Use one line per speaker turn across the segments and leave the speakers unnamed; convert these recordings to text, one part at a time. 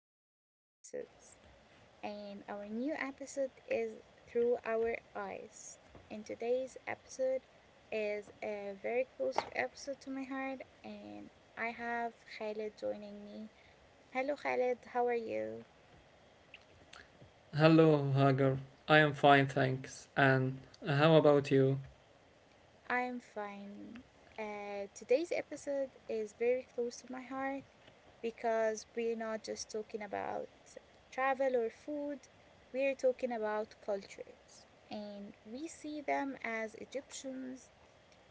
our episodes. And our new episode is Through Our Eyes. And today's episode is a very close episode to my heart, and I have Khaled joining me. Hello, Khaled, how are you?
Hello, Hagar. I am fine, thanks. And how about you?
I'm fine. Today's episode is very close to my heart because we're not just talking about travel or food, we're talking about cultures. And we see them as Egyptians.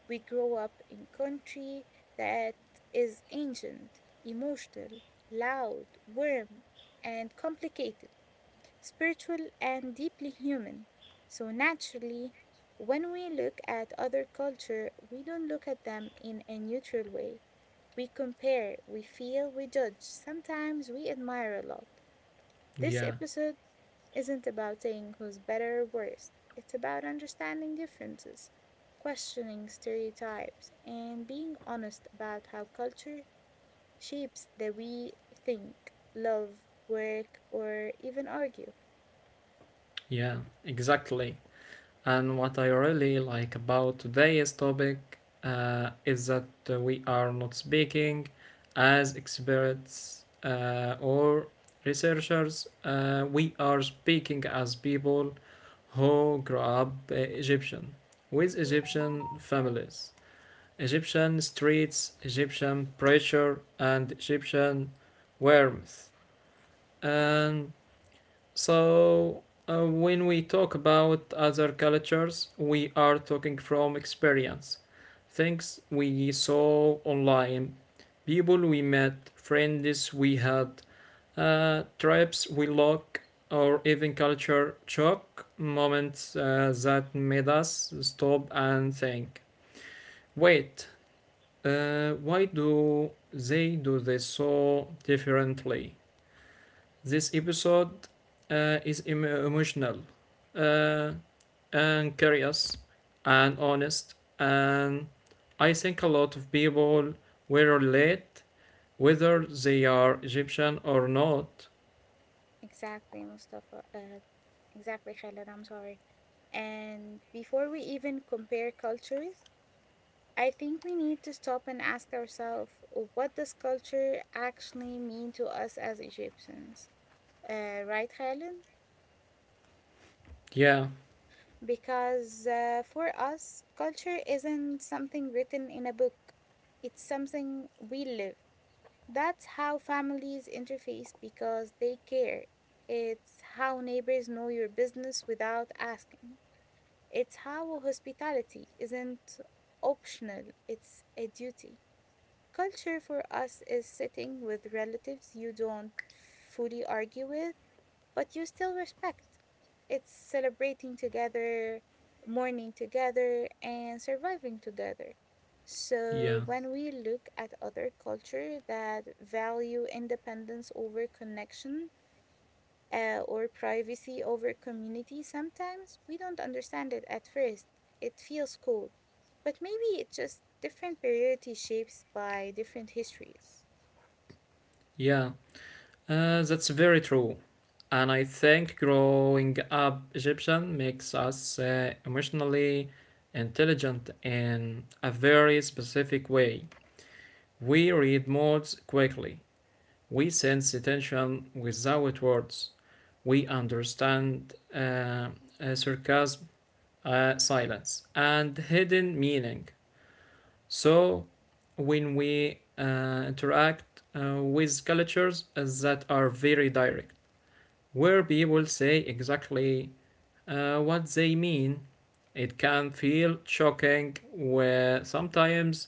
We grow up in country that is ancient, emotional, loud, warm, and complicated spiritual, and deeply human. So, naturally, when we look at other culture, we don't look at them in a neutral way. We compare, we feel, we judge. Sometimes we admire a lot. This
Yeah,
episode isn't about saying who's better or worse. It's about understanding differences, questioning stereotypes, and being honest about how culture shapes the way we think, love, work, or even argue.
yeah, exactly. And what I really like about today's topic is that we are not speaking as experts or researchers, we are speaking as people who grew up Egyptian with Egyptian families. Egyptian streets, Egyptian pressure, and Egyptian warmth. And so, when we talk about other cultures, we are talking from experience, things we saw online, people we met, friends we had, trips we look, or even culture shock moments that made us stop and think. Wait, why do they do this so differently? This episode is emotional uh, and curious and honest, and I think a lot of people will relate whether they are Egyptian or not.
Exactly, Mustafa. Exactly, Khaled. I'm sorry. And before we even compare cultures, I think we need to stop and ask ourselves what does culture actually mean to us as Egyptians? Right, Khaled?
Yeah,
Because for us, culture isn't something written in a book, it's something we live. That's how families interface because they care. It's how neighbors know your business without asking. It's how hospitality isn't optional, it's a duty. Culture for us is sitting with relatives you don't fully argue with, but you still respect. It's celebrating together, mourning together, and surviving together. So,
yeah,
when we look at other culture that value independence over connection, or privacy over community, sometimes we don't understand it at first. It feels cold, but maybe it's just different priority shapes by different histories.
yeah. That's very true. And I think growing up Egyptian makes us emotionally intelligent in a very specific way. We read moods quickly, we sense attention without words, we understand sarcasm, silence, and hidden meaning. So, when we interact with cultures that are very direct, where people say exactly what they mean. It can feel shocking, where sometimes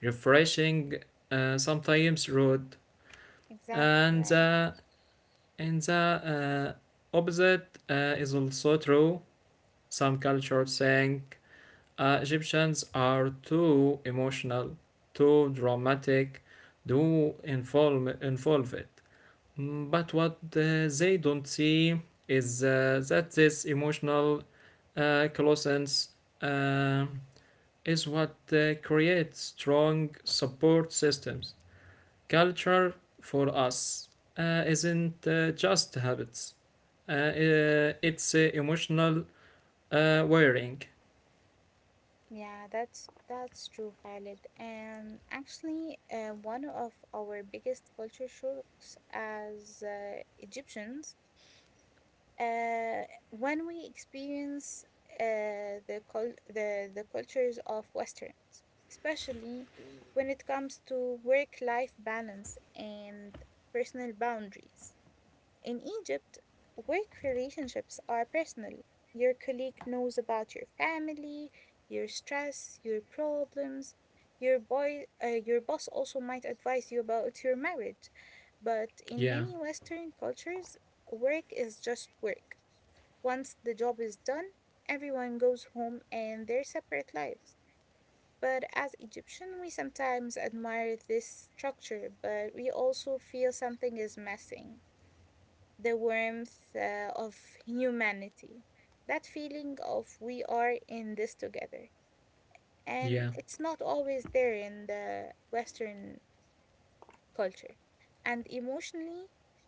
refreshing, sometimes rude,
Exactly
and
right.
uh, and the opposite is also true. Some cultures think Egyptians are too emotional, too dramatic, too involve involved. Mm, but what they don't see is that this emotional closeness uh, is what creates strong support systems. Culture for us isn't just habits, it's emotional wiring.
Yeah, that's true, Khalid. And actually, one of our biggest culture shocks as Egyptians uh, when we experience the cultures of Westerns, especially when it comes to work-life balance and personal boundaries. In Egypt, work relationships are personal. Your colleague knows about your family, your stress, your problems. Your boss also might advise you about your marriage, but in
Yeah,
many Western cultures, work is just work. Once the job is done, everyone goes home and their separate lives. But as Egyptian, we sometimes admire this structure, but we also feel something is missing the warmth of humanity. That feeling of we are in this together. And
yeah,
it's not always there in the Western culture. And emotionally,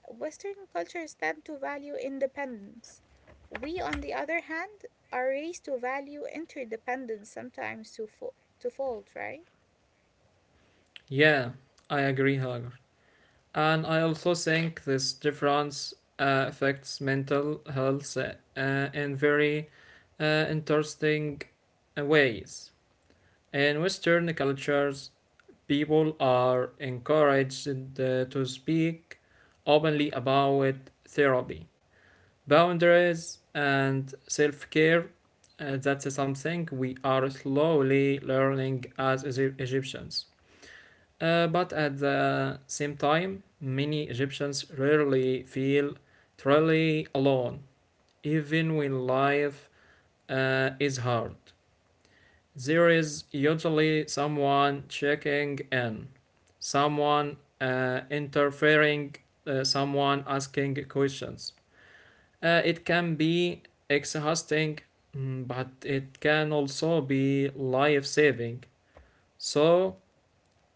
Western cultures tend to value independence. We, on the other hand, are raised to value interdependence, sometimes to fold, right?
yeah, I agree, Hagar. And I also think this difference affects mental health in very interesting ways. In Western cultures, people are encouraged to speak openly about therapy, boundaries, and self care. That's something we are slowly learning as Egyptians. But at the same time, many Egyptians rarely feel truly alone, even when life is hard. There is usually someone checking in, someone interfering, someone asking questions. It can be exhausting, mm, but it can also be life saving. So,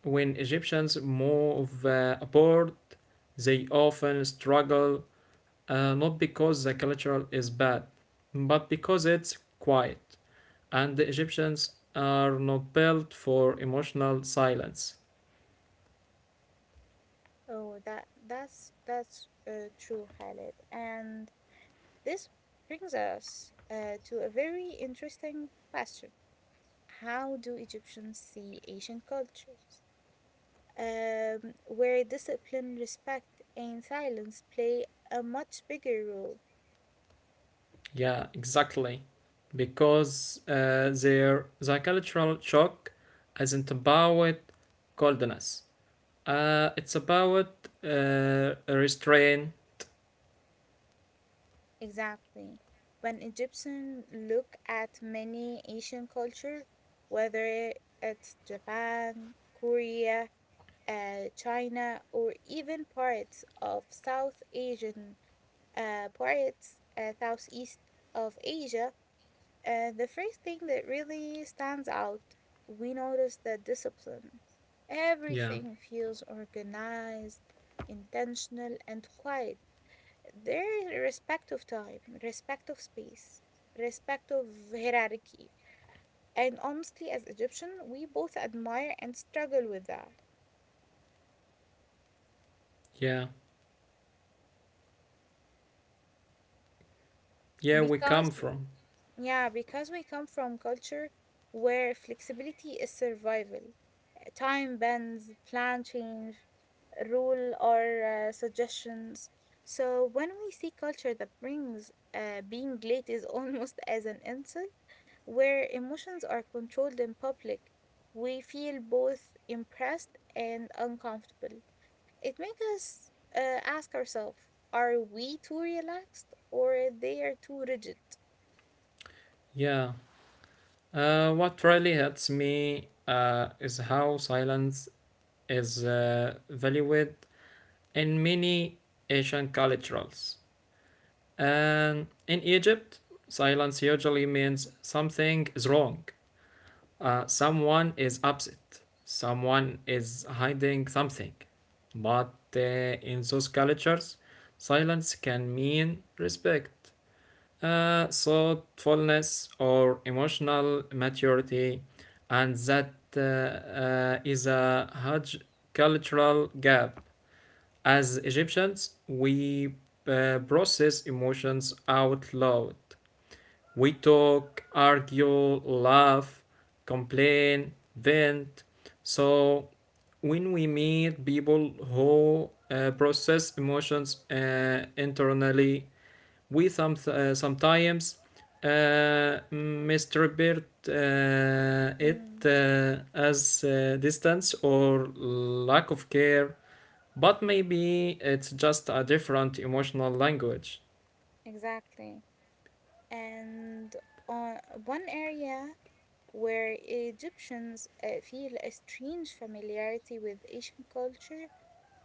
when Egyptians move abroad, they often struggle not because the culture is bad, but because it's quiet, and the Egyptians are not built for emotional silence.
Oh, that's true, Khalid. And this brings us to a very interesting question: How do Egyptians see Asian cultures? Where discipline, respect, and silence play a much bigger role.
Yeah, exactly. Because the cultural shock isn't about coldness. It's about restraint.
Exactly. When Egyptians look at many Asian culture, whether it's Japan, Korea, China, or even parts of South Asian Southeast of Asia, the first thing that really stands out, we notice the discipline.
Yeah,
Everything feels organized, intentional, and quiet there is respect of time, respect of space, respect of hierarchy. And honestly, as Egyptian, we both admire and struggle with that
yeah, yeah. We
because,
come from.
yeah, because we come from culture where flexibility is survival. Time bends, plan change, rule or suggestions. So when we see culture that brings being late is almost as an insult, where emotions are controlled in public, we feel both impressed and uncomfortable. It makes us ask ourselves are we too relaxed or they are too rigid?
Yeah, what really hits me is how silence is valued in many Asian cultures. And in Egypt, silence usually means something is wrong, someone is upset, someone is hiding something. But in those cultures, silence can mean respect, thoughtfulness or emotional maturity, and that is a huge cultural gap. As Egyptians, we process emotions out loud. We talk, argue, laugh, complain, vent. So, when we meet people who process emotions internally, we sometimes misinterpret uh, it
Mm,
uh, as distance or lack of care, but maybe it's just a different emotional language.
exactly. And on one area where Egyptians feel a strange familiarity with Asian culture,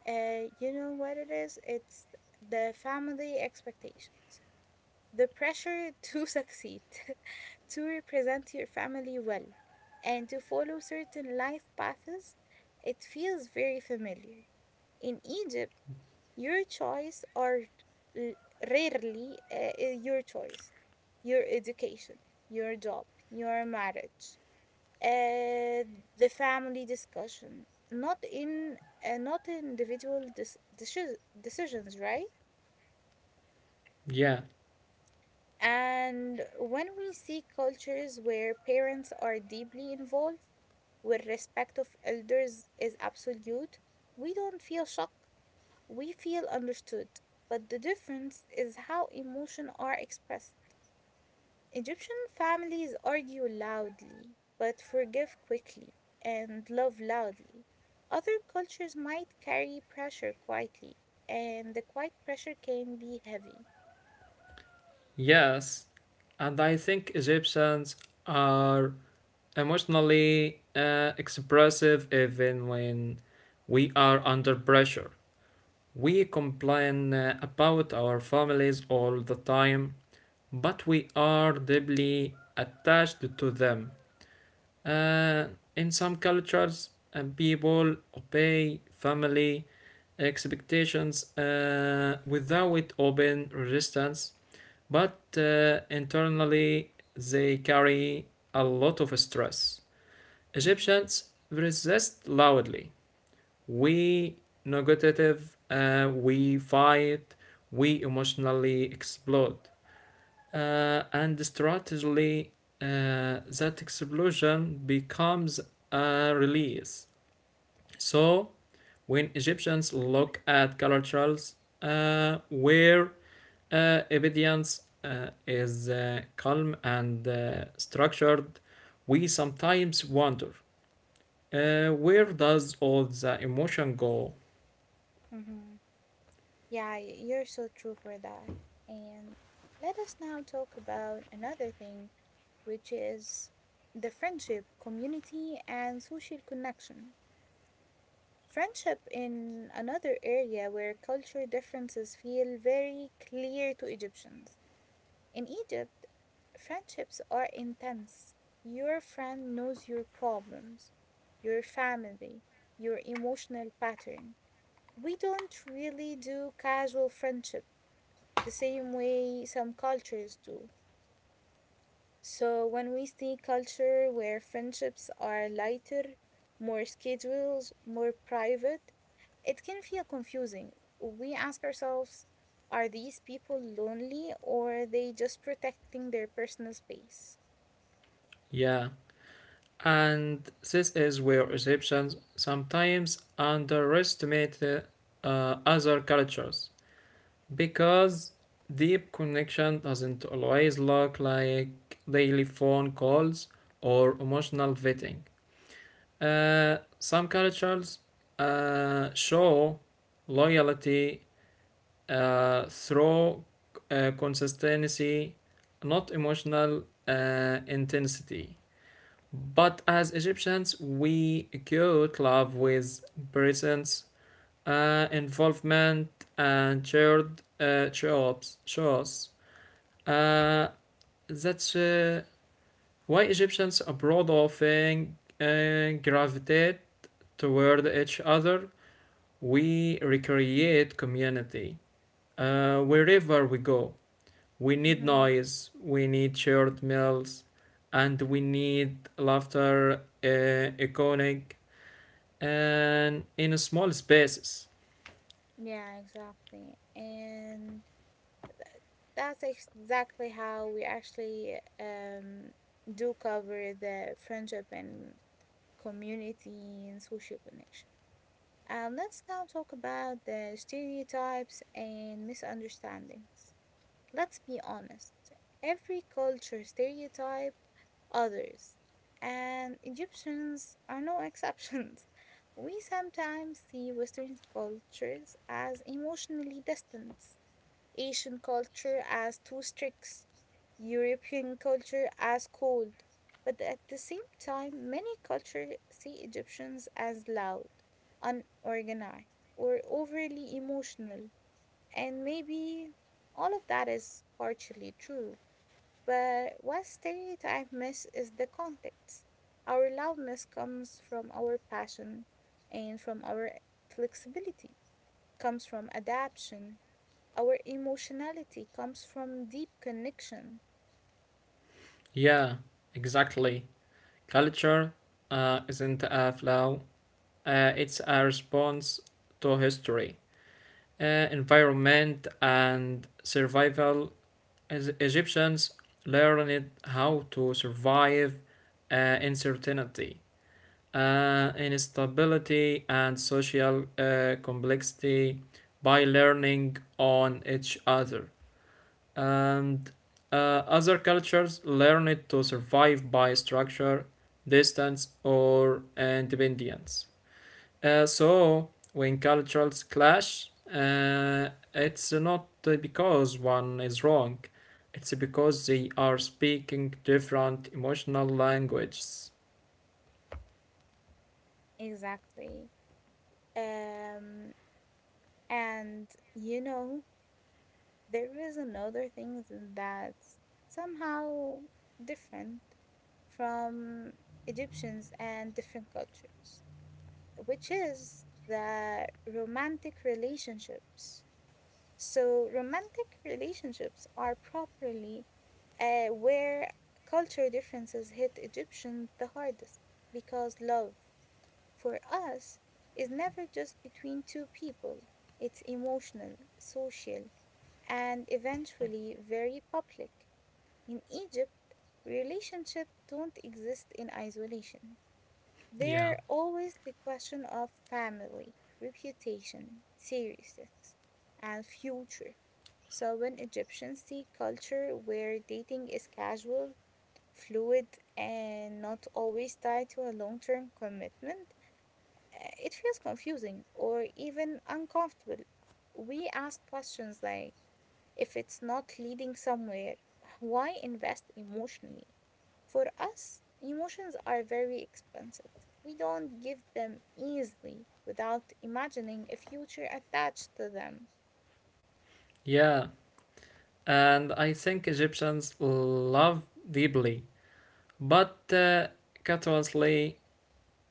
you know what it is? It's the family expectation. The pressure to succeed, to represent your family well, and to follow certain life paths, it feels very familiar. In Egypt, your choice are l- rarely your choice, your education, your job, your marriage, uh, the family discussion, not in not individual decisions, right?
Yeah,
And when we see cultures where parents are deeply involved, where respect of elders is absolute, we don't feel shock, we feel understood. But the difference is how emotions are expressed. Egyptian families argue loudly, but forgive quickly and love loudly. Other cultures might carry pressure quietly, and the quiet pressure can be heavy.
yes, and I think Egyptians are emotionally expressive even when we are under pressure. We complain about our families all the time, but we are deeply attached to them. Uh, in some cultures, people obey family expectations without open resistance, but internally they carry a lot of stress.
Mm,
Egyptians resist loudly. We negative, we fight, we emotionally explode and strategically that explosion becomes a release. So when Egyptians look at cultures where evidence is calm and structured, we sometimes wonder where does all the emotion go?
mhm. Yeah, you're so true for that. And let us now talk about another thing, which is the friendship, community, and social connection. Friendship in another area where culture differences feel very clear to Egyptians. In Egypt, friendships are intense. Your friend knows your problems, your family, your emotional pattern. We don't really do casual friendships the same way some cultures do. So when we see culture where friendships are lighter, more schedules, more private, it can feel confusing. We ask ourselves, are these people lonely or are they just protecting their personal space?
Yeah, and this is where Egyptians sometimes underestimate other cultures. Because deep connection doesn't always look like daily phone calls or emotional vetting. Some cultures show loyalty through consistency, not emotional intensity. But as Egyptians, we equate love with presence, involvement, and shared jobs, shows. Uh, that's why Egyptians abroad often gravitate toward each other. We recreate community wherever we go. We need
Mm-hmm.
noise, we need shared meals, and we need laughter, iconic, and in small spaces.
Yeah, exactly. And that's exactly how we actually do cover the friendship and community and social connection. And let's now talk about the stereotypes and misunderstandings. Let's be honest, every culture stereotype others, and Egyptians are no exceptions. We sometimes see Western cultures as emotionally distant, Asian culture as too strict, European culture as cold. But at the same time, many cultures see Egyptians as loud, unorganized, or overly emotional. And maybe all of that is partially true. But what stereotype miss is the context. Our loudness comes from our passion and from our flexibility, comes from adaptation our emotionality comes from deep connection.
Yeah, exactly. Culture isn't a flow, it's a response to history, uh, environment, and survival. As Egyptians learned how to survive uh, uncertainty, instability, and social complexity by learning on each other. And other cultures learned to survive by structure, distance, or independence. So when cultures clash, it's not because one is wrong. It's because they are speaking different emotional languages.
Exactly. Um, and you know, there is another thing that's somehow different from Egyptians and different cultures, which is the romantic relationships. So, romantic relationships are properly where culture differences hit Egyptians the hardest because love for us is never just between two people, it's emotional, social, and eventually very public. In Egypt, relationships don't exist in isolation.
Yeah.
There always the question of family, reputation, seriousness, and future. So when Egyptians see culture where dating is casual, fluid, and not always tied to a long-term commitment, it feels confusing or even uncomfortable. We ask questions like if it's not leading somewhere, why invest emotionally? For us, emotions are very expensive. We don't give them easily without imagining a future attached to them.
Yeah. And I think Egyptians love deeply, but curiously,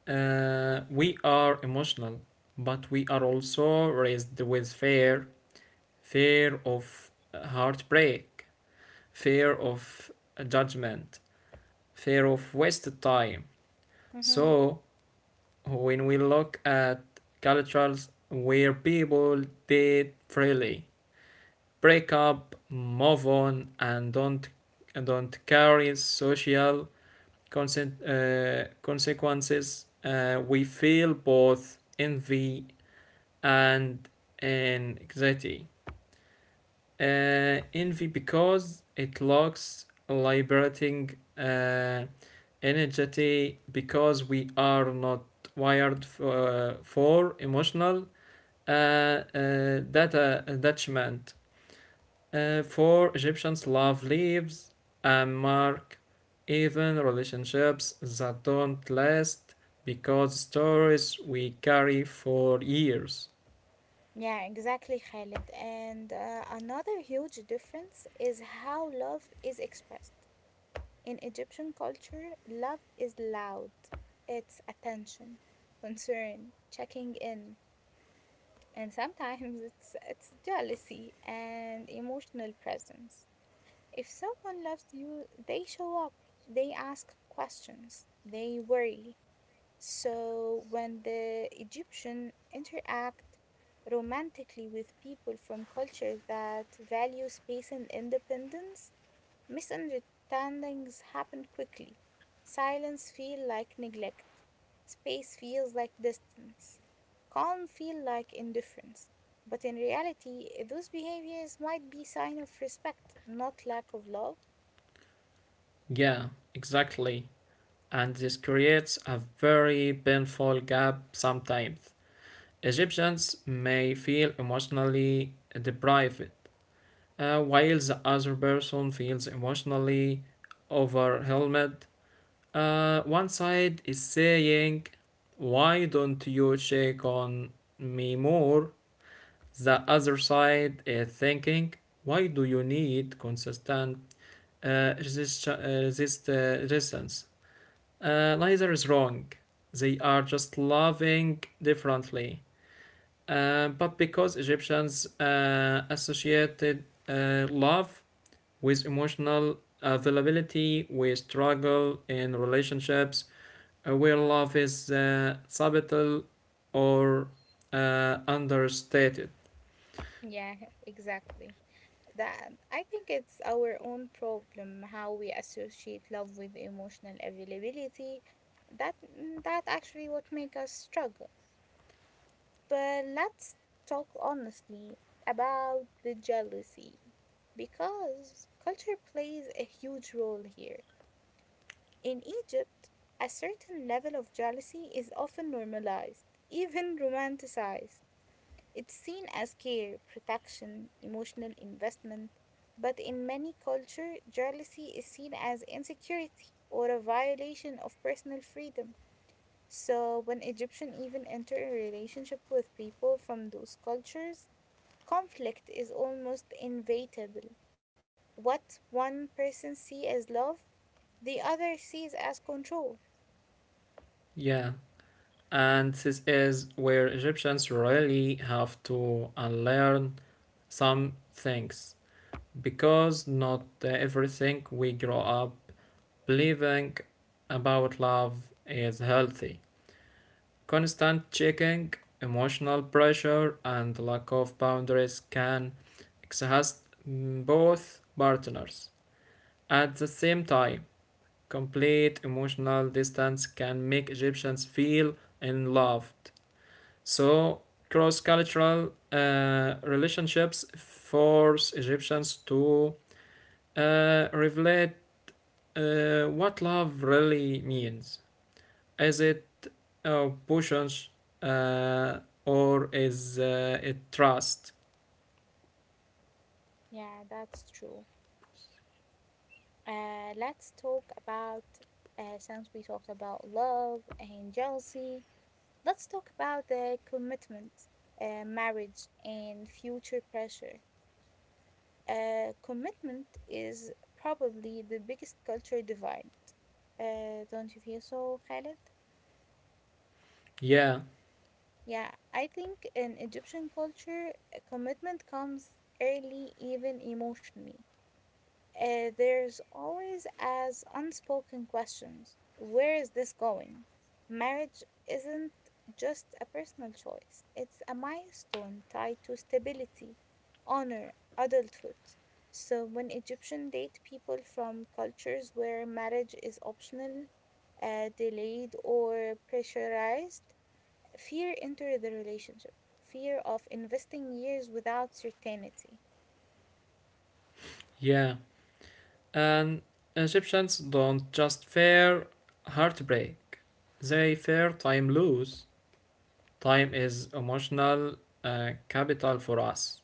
we are emotional, but we are also raised with fear, fear of heartbreak, fear of judgment, fear of wasted time.
Mhm.
So when we look at cultures where people date freely, break up, move on, and don't carry social consequences, we feel both envy and anxiety. Envy because it lacks liberating uh, energy because we are not wired for emotional data attachment. For Egyptians, love leaves a mark, even relationships that don't last because stories we carry for years.
Yeah, exactly, Khalid. And another huge difference is how love is expressed. In Egyptian culture, love is loud, it's attention, concern, checking in. And sometimes it's jealousy and emotional presence. If someone loves you, they show up, they ask questions, they worry. So when the Egyptian interact romantically with people from cultures that value space and independence, misunderstandings happen quickly. Silence feels like neglect. Space feels like distance. Calm feels like indifference. But in reality, those behaviors might be sign of respect, not lack of love.
Yeah, exactly. And this creates a very painful gap sometimes. Egyptians may feel emotionally deprived, while the other person feels emotionally overwhelmed. One side is saying, why don't you check on me more? The other side is thinking, why do you need consistent uh, resist- uh, resistance? Neither is wrong. They are just loving differently. But because Egyptians associated love with emotional availability, we struggle in relationships where love is subtle or understated.
Yeah, exactly. That I think it's our own problem how we associate love with emotional availability. That actually what make us struggle. But let's talk honestly about the jealousy because culture plays a huge role here. In Egypt, a certain level of jealousy is often normalized, even romanticized. It's seen as care, protection, emotional investment, but in many cultures, jealousy is seen as insecurity or a violation of personal freedom. So when Egyptians even enter a relationship with people from those cultures, conflict is almost inevitable. What one person sees as love, the other sees as control.
Yeah, and this is where Egyptians really have to unlearn some things, because not everything we grow up believing about love is healthy. Constant checking, emotional pressure, and lack of boundaries can exhaust both partners. At the same time, complete emotional distance can make Egyptians feel unloved. So, cross cultural relationships force Egyptians to revelate what love really means. Is it push or is it trust?
Yeah, that's true. Let's talk about, since we talked about love and jealousy, let's talk about the commitment, marriage, and future pressure. Commitment is probably the biggest culture divide. Don't you feel so, Khaled?
Yeah,
Yeah, I think in Egyptian culture, a commitment comes early, even emotionally. There's always as unspoken questions. Where is this going? Marriage isn't just a personal choice, it's a milestone tied to stability, honor, adulthood. So when Egyptian date people from cultures where marriage is optional, delayed or pressurized, fear entered the relationship. Fear of investing years without certainty.
yeah. And Egyptians don't just fear heartbreak, they fear time lose. Time is emotional capital for us.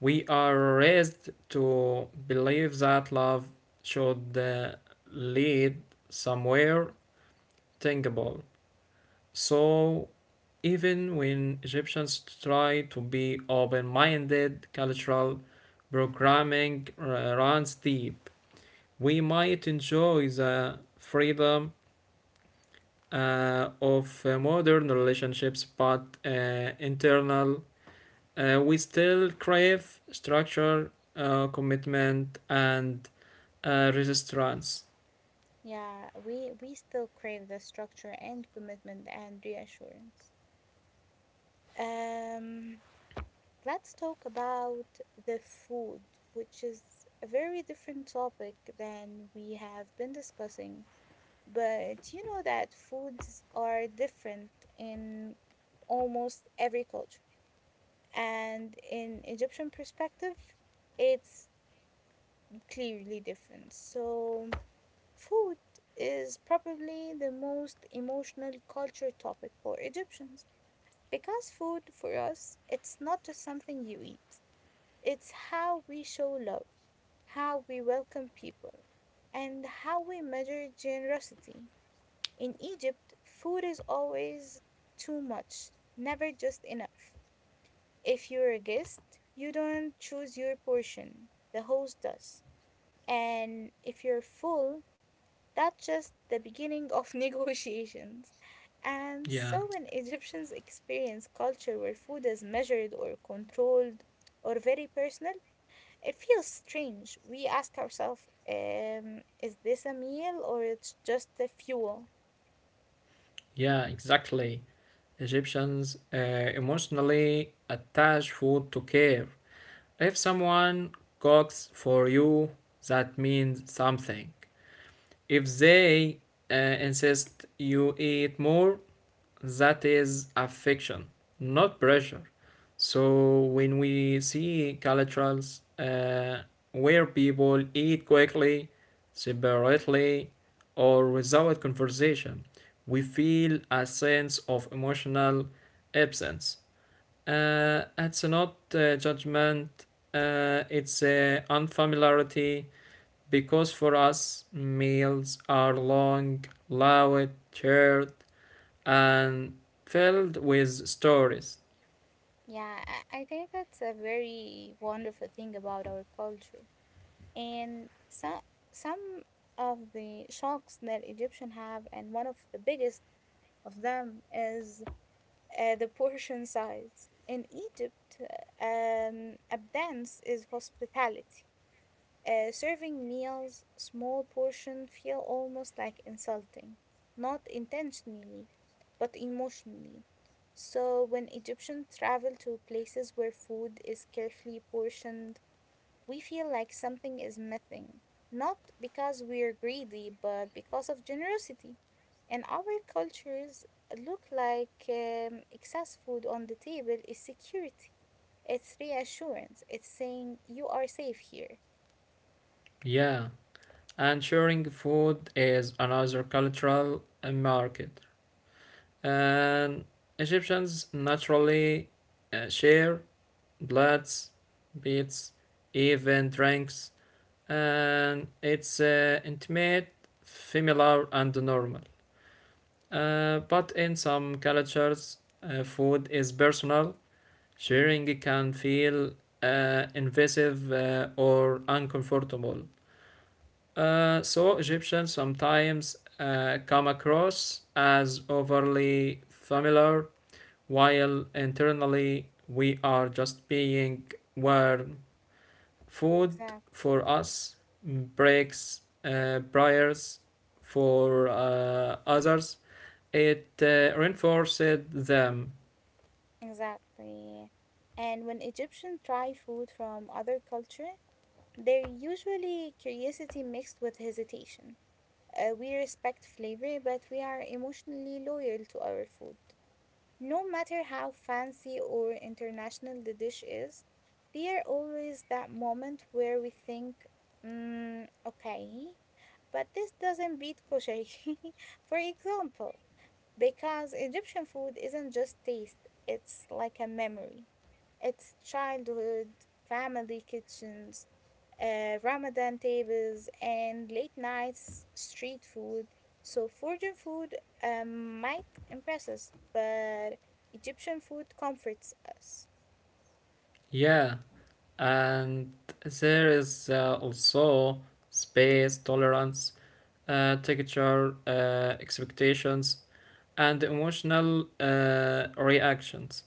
We are raised to believe that love should lead somewhere tangible. So even when Egyptians try to be open minded, cultural programming runs deep. We might enjoy the freedom of modern relationships, but internal, we still crave structure, commitment, and resistance.
Yeah, we still crave the structure and commitment and reassurance. Um, let's talk about the food, which is a very different topic than we have been discussing. But you know that foods are different in almost every culture. And in Egyptian perspective, it's clearly different. So, food is probably the most emotional culture topic for Egyptians because food for us it's not just something you eat. It's how we show love, how we welcome people, and how we measure generosity. In Egypt, food is always too much, never just enough. If you're a guest, you don't choose your portion. The host does. And if you're full, that's just the beginning of negotiations. And
Yeah,
so when Egyptians experience culture where food is measured or controlled or very personal, it feels strange. We ask ourselves, is this a meal or it's just a fuel?
yeah, exactly. Egyptians emotionally attach food to care. If someone cooks for you, that means something. If they insist you eat more, that is affection, not pressure. So when we see cultures where people eat quickly, separately, or without conversation, we feel a sense of emotional absence. It's not judgment, it's unfamiliarity because for us, meals are long, loud, shared, and filled with stories.
Yeah, I think that's a very wonderful thing about our culture. And so, some of the shocks that Egyptians have, and one of the biggest of them is the portion size. In Egypt, abundance is hospitality. Serving meals, small portion feel almost like insulting, not intentionally, but emotionally. So when Egyptians travel to places where food is carefully portioned, we feel like something is missing, not because we're greedy, but because of generosity. In our cultures, look like excess food on the table is security. It's reassurance. It's saying you are safe here.
Yeah, and sharing food is another cultural market. And Egyptians naturally share plates, bits, even drinks, and it's intimate, familiar, and normal. But in some cultures, food is personal. Sharing can feel invasive or uncomfortable. So Egyptians sometimes come across as overly familiar, while internally we are just being warm. Food
Exact,
for us, breaks briars for others. It reinforced them.
exactly. And when Egyptians try food from other culture, they're usually curiosity mixed with hesitation. We respect flavor, but we are emotionally loyal to our food. No matter how fancy or international the dish is, there always that moment where we think, mm, okay, but this doesn't beat kosher, for example, because Egyptian food isn't just taste, it's like a memory. It's childhood, family kitchens, Ramadan tables, and late nights street food. So, foreign food might impress us, but Egyptian food comforts us.
Yeah, and there is also space, tolerance, texture, expectations, and emotional reactions.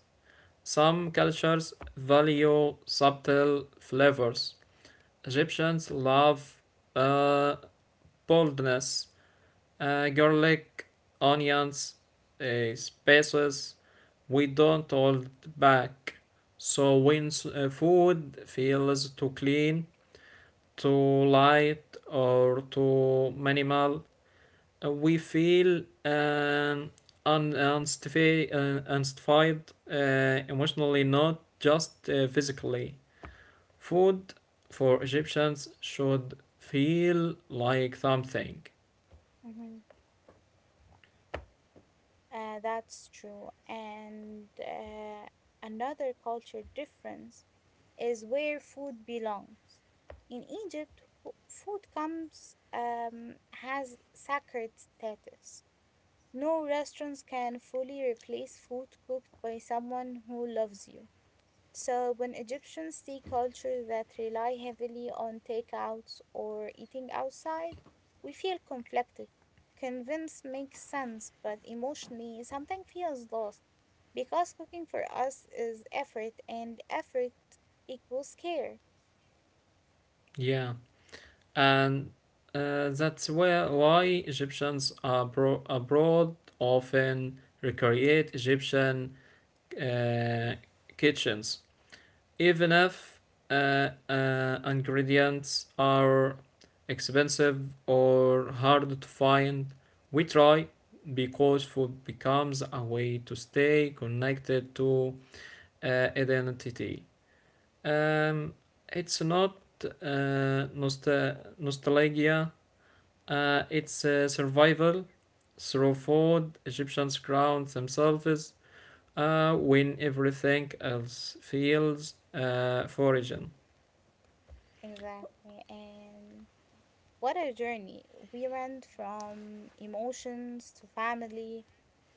Some cultures value subtle flavors. Egyptians love uh, boldness, garlic, onions, spices. We don't hold back. So when food feels too clean, too light, or too minimal, we feel an un- unstifi- unstified, emotionally, not just physically. Food for Egyptians should feel like something.
Hmm. That's true. And another culture difference is where food belongs. In Egypt, food comes has sacred status. No restaurants can fully replace food cooked by someone who loves you. So, when Egyptians see cultures that rely heavily on takeouts or eating outside, we feel conflicted. Convinced makes sense, but emotionally, something feels lost because cooking for us is effort, and effort equals care.
Yeah. and that's where why Egyptians abroad often recreate Egyptian uh, kitchens, even if ingredients are expensive or hard to find. We try because food becomes a way to stay connected to uh, identity. Um, it's not uh, nostalgia, it's survival through food. Egyptians crown themselves when everything else fails foraging.
Exactly. And what a journey! We went from emotions to family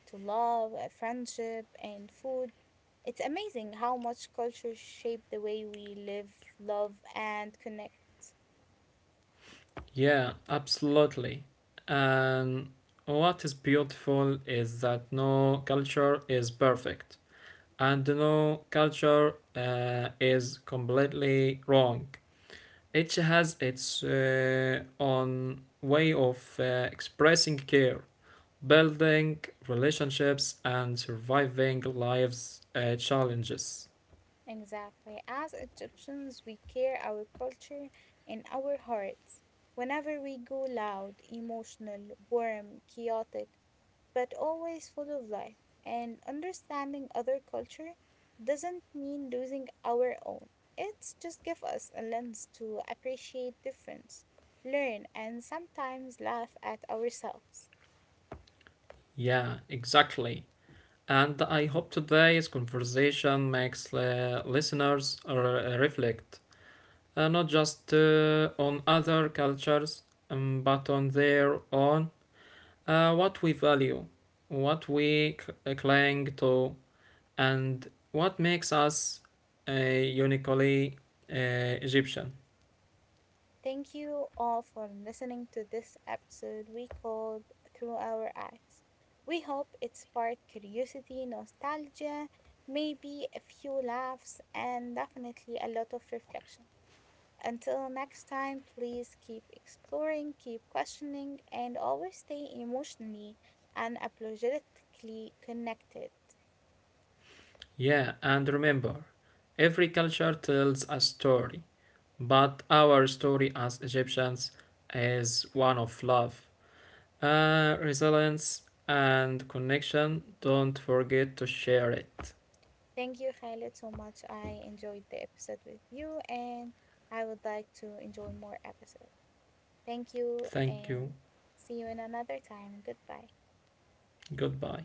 to love, friendship, and food. It's amazing how much culture shape the way we live, love, and connect.
Yeah, absolutely. And what is beautiful is that no culture is perfect, and no culture is completely wrong. Each has its own way of expressing care, building relationships, and surviving life's challenges.
Exactly. As Egyptians, we carry our culture in our hearts. Whenever we go loud, emotional, warm, chaotic, but always full of life. And understanding other culture doesn't mean losing our own. It's just give us a lens to appreciate difference, learn, and sometimes laugh at ourselves.
Yeah, exactly. And I hope today's conversation makes listeners reflect not just on other cultures, but on their own, what we value, what we cling to, and what makes us uniquely uh, Egyptian.
Thank you all for listening to this episode we called Through Our Eyes. We hope it sparked curiosity, nostalgia, maybe a few laughs, and definitely a lot of reflection. Until next time, please keep exploring, keep questioning, and always stay emotionally and apologetically connected.
Yeah, and remember, every culture tells a story, but our story as Egyptians is one of love, resilience, and connection. Don't forget to share it.
Thank you, Khaled, so much. I enjoyed the episode with you, and I would like to enjoy more episodes. Thank you,
Thank you.
and see you in another time. Goodbye.
Goodbye.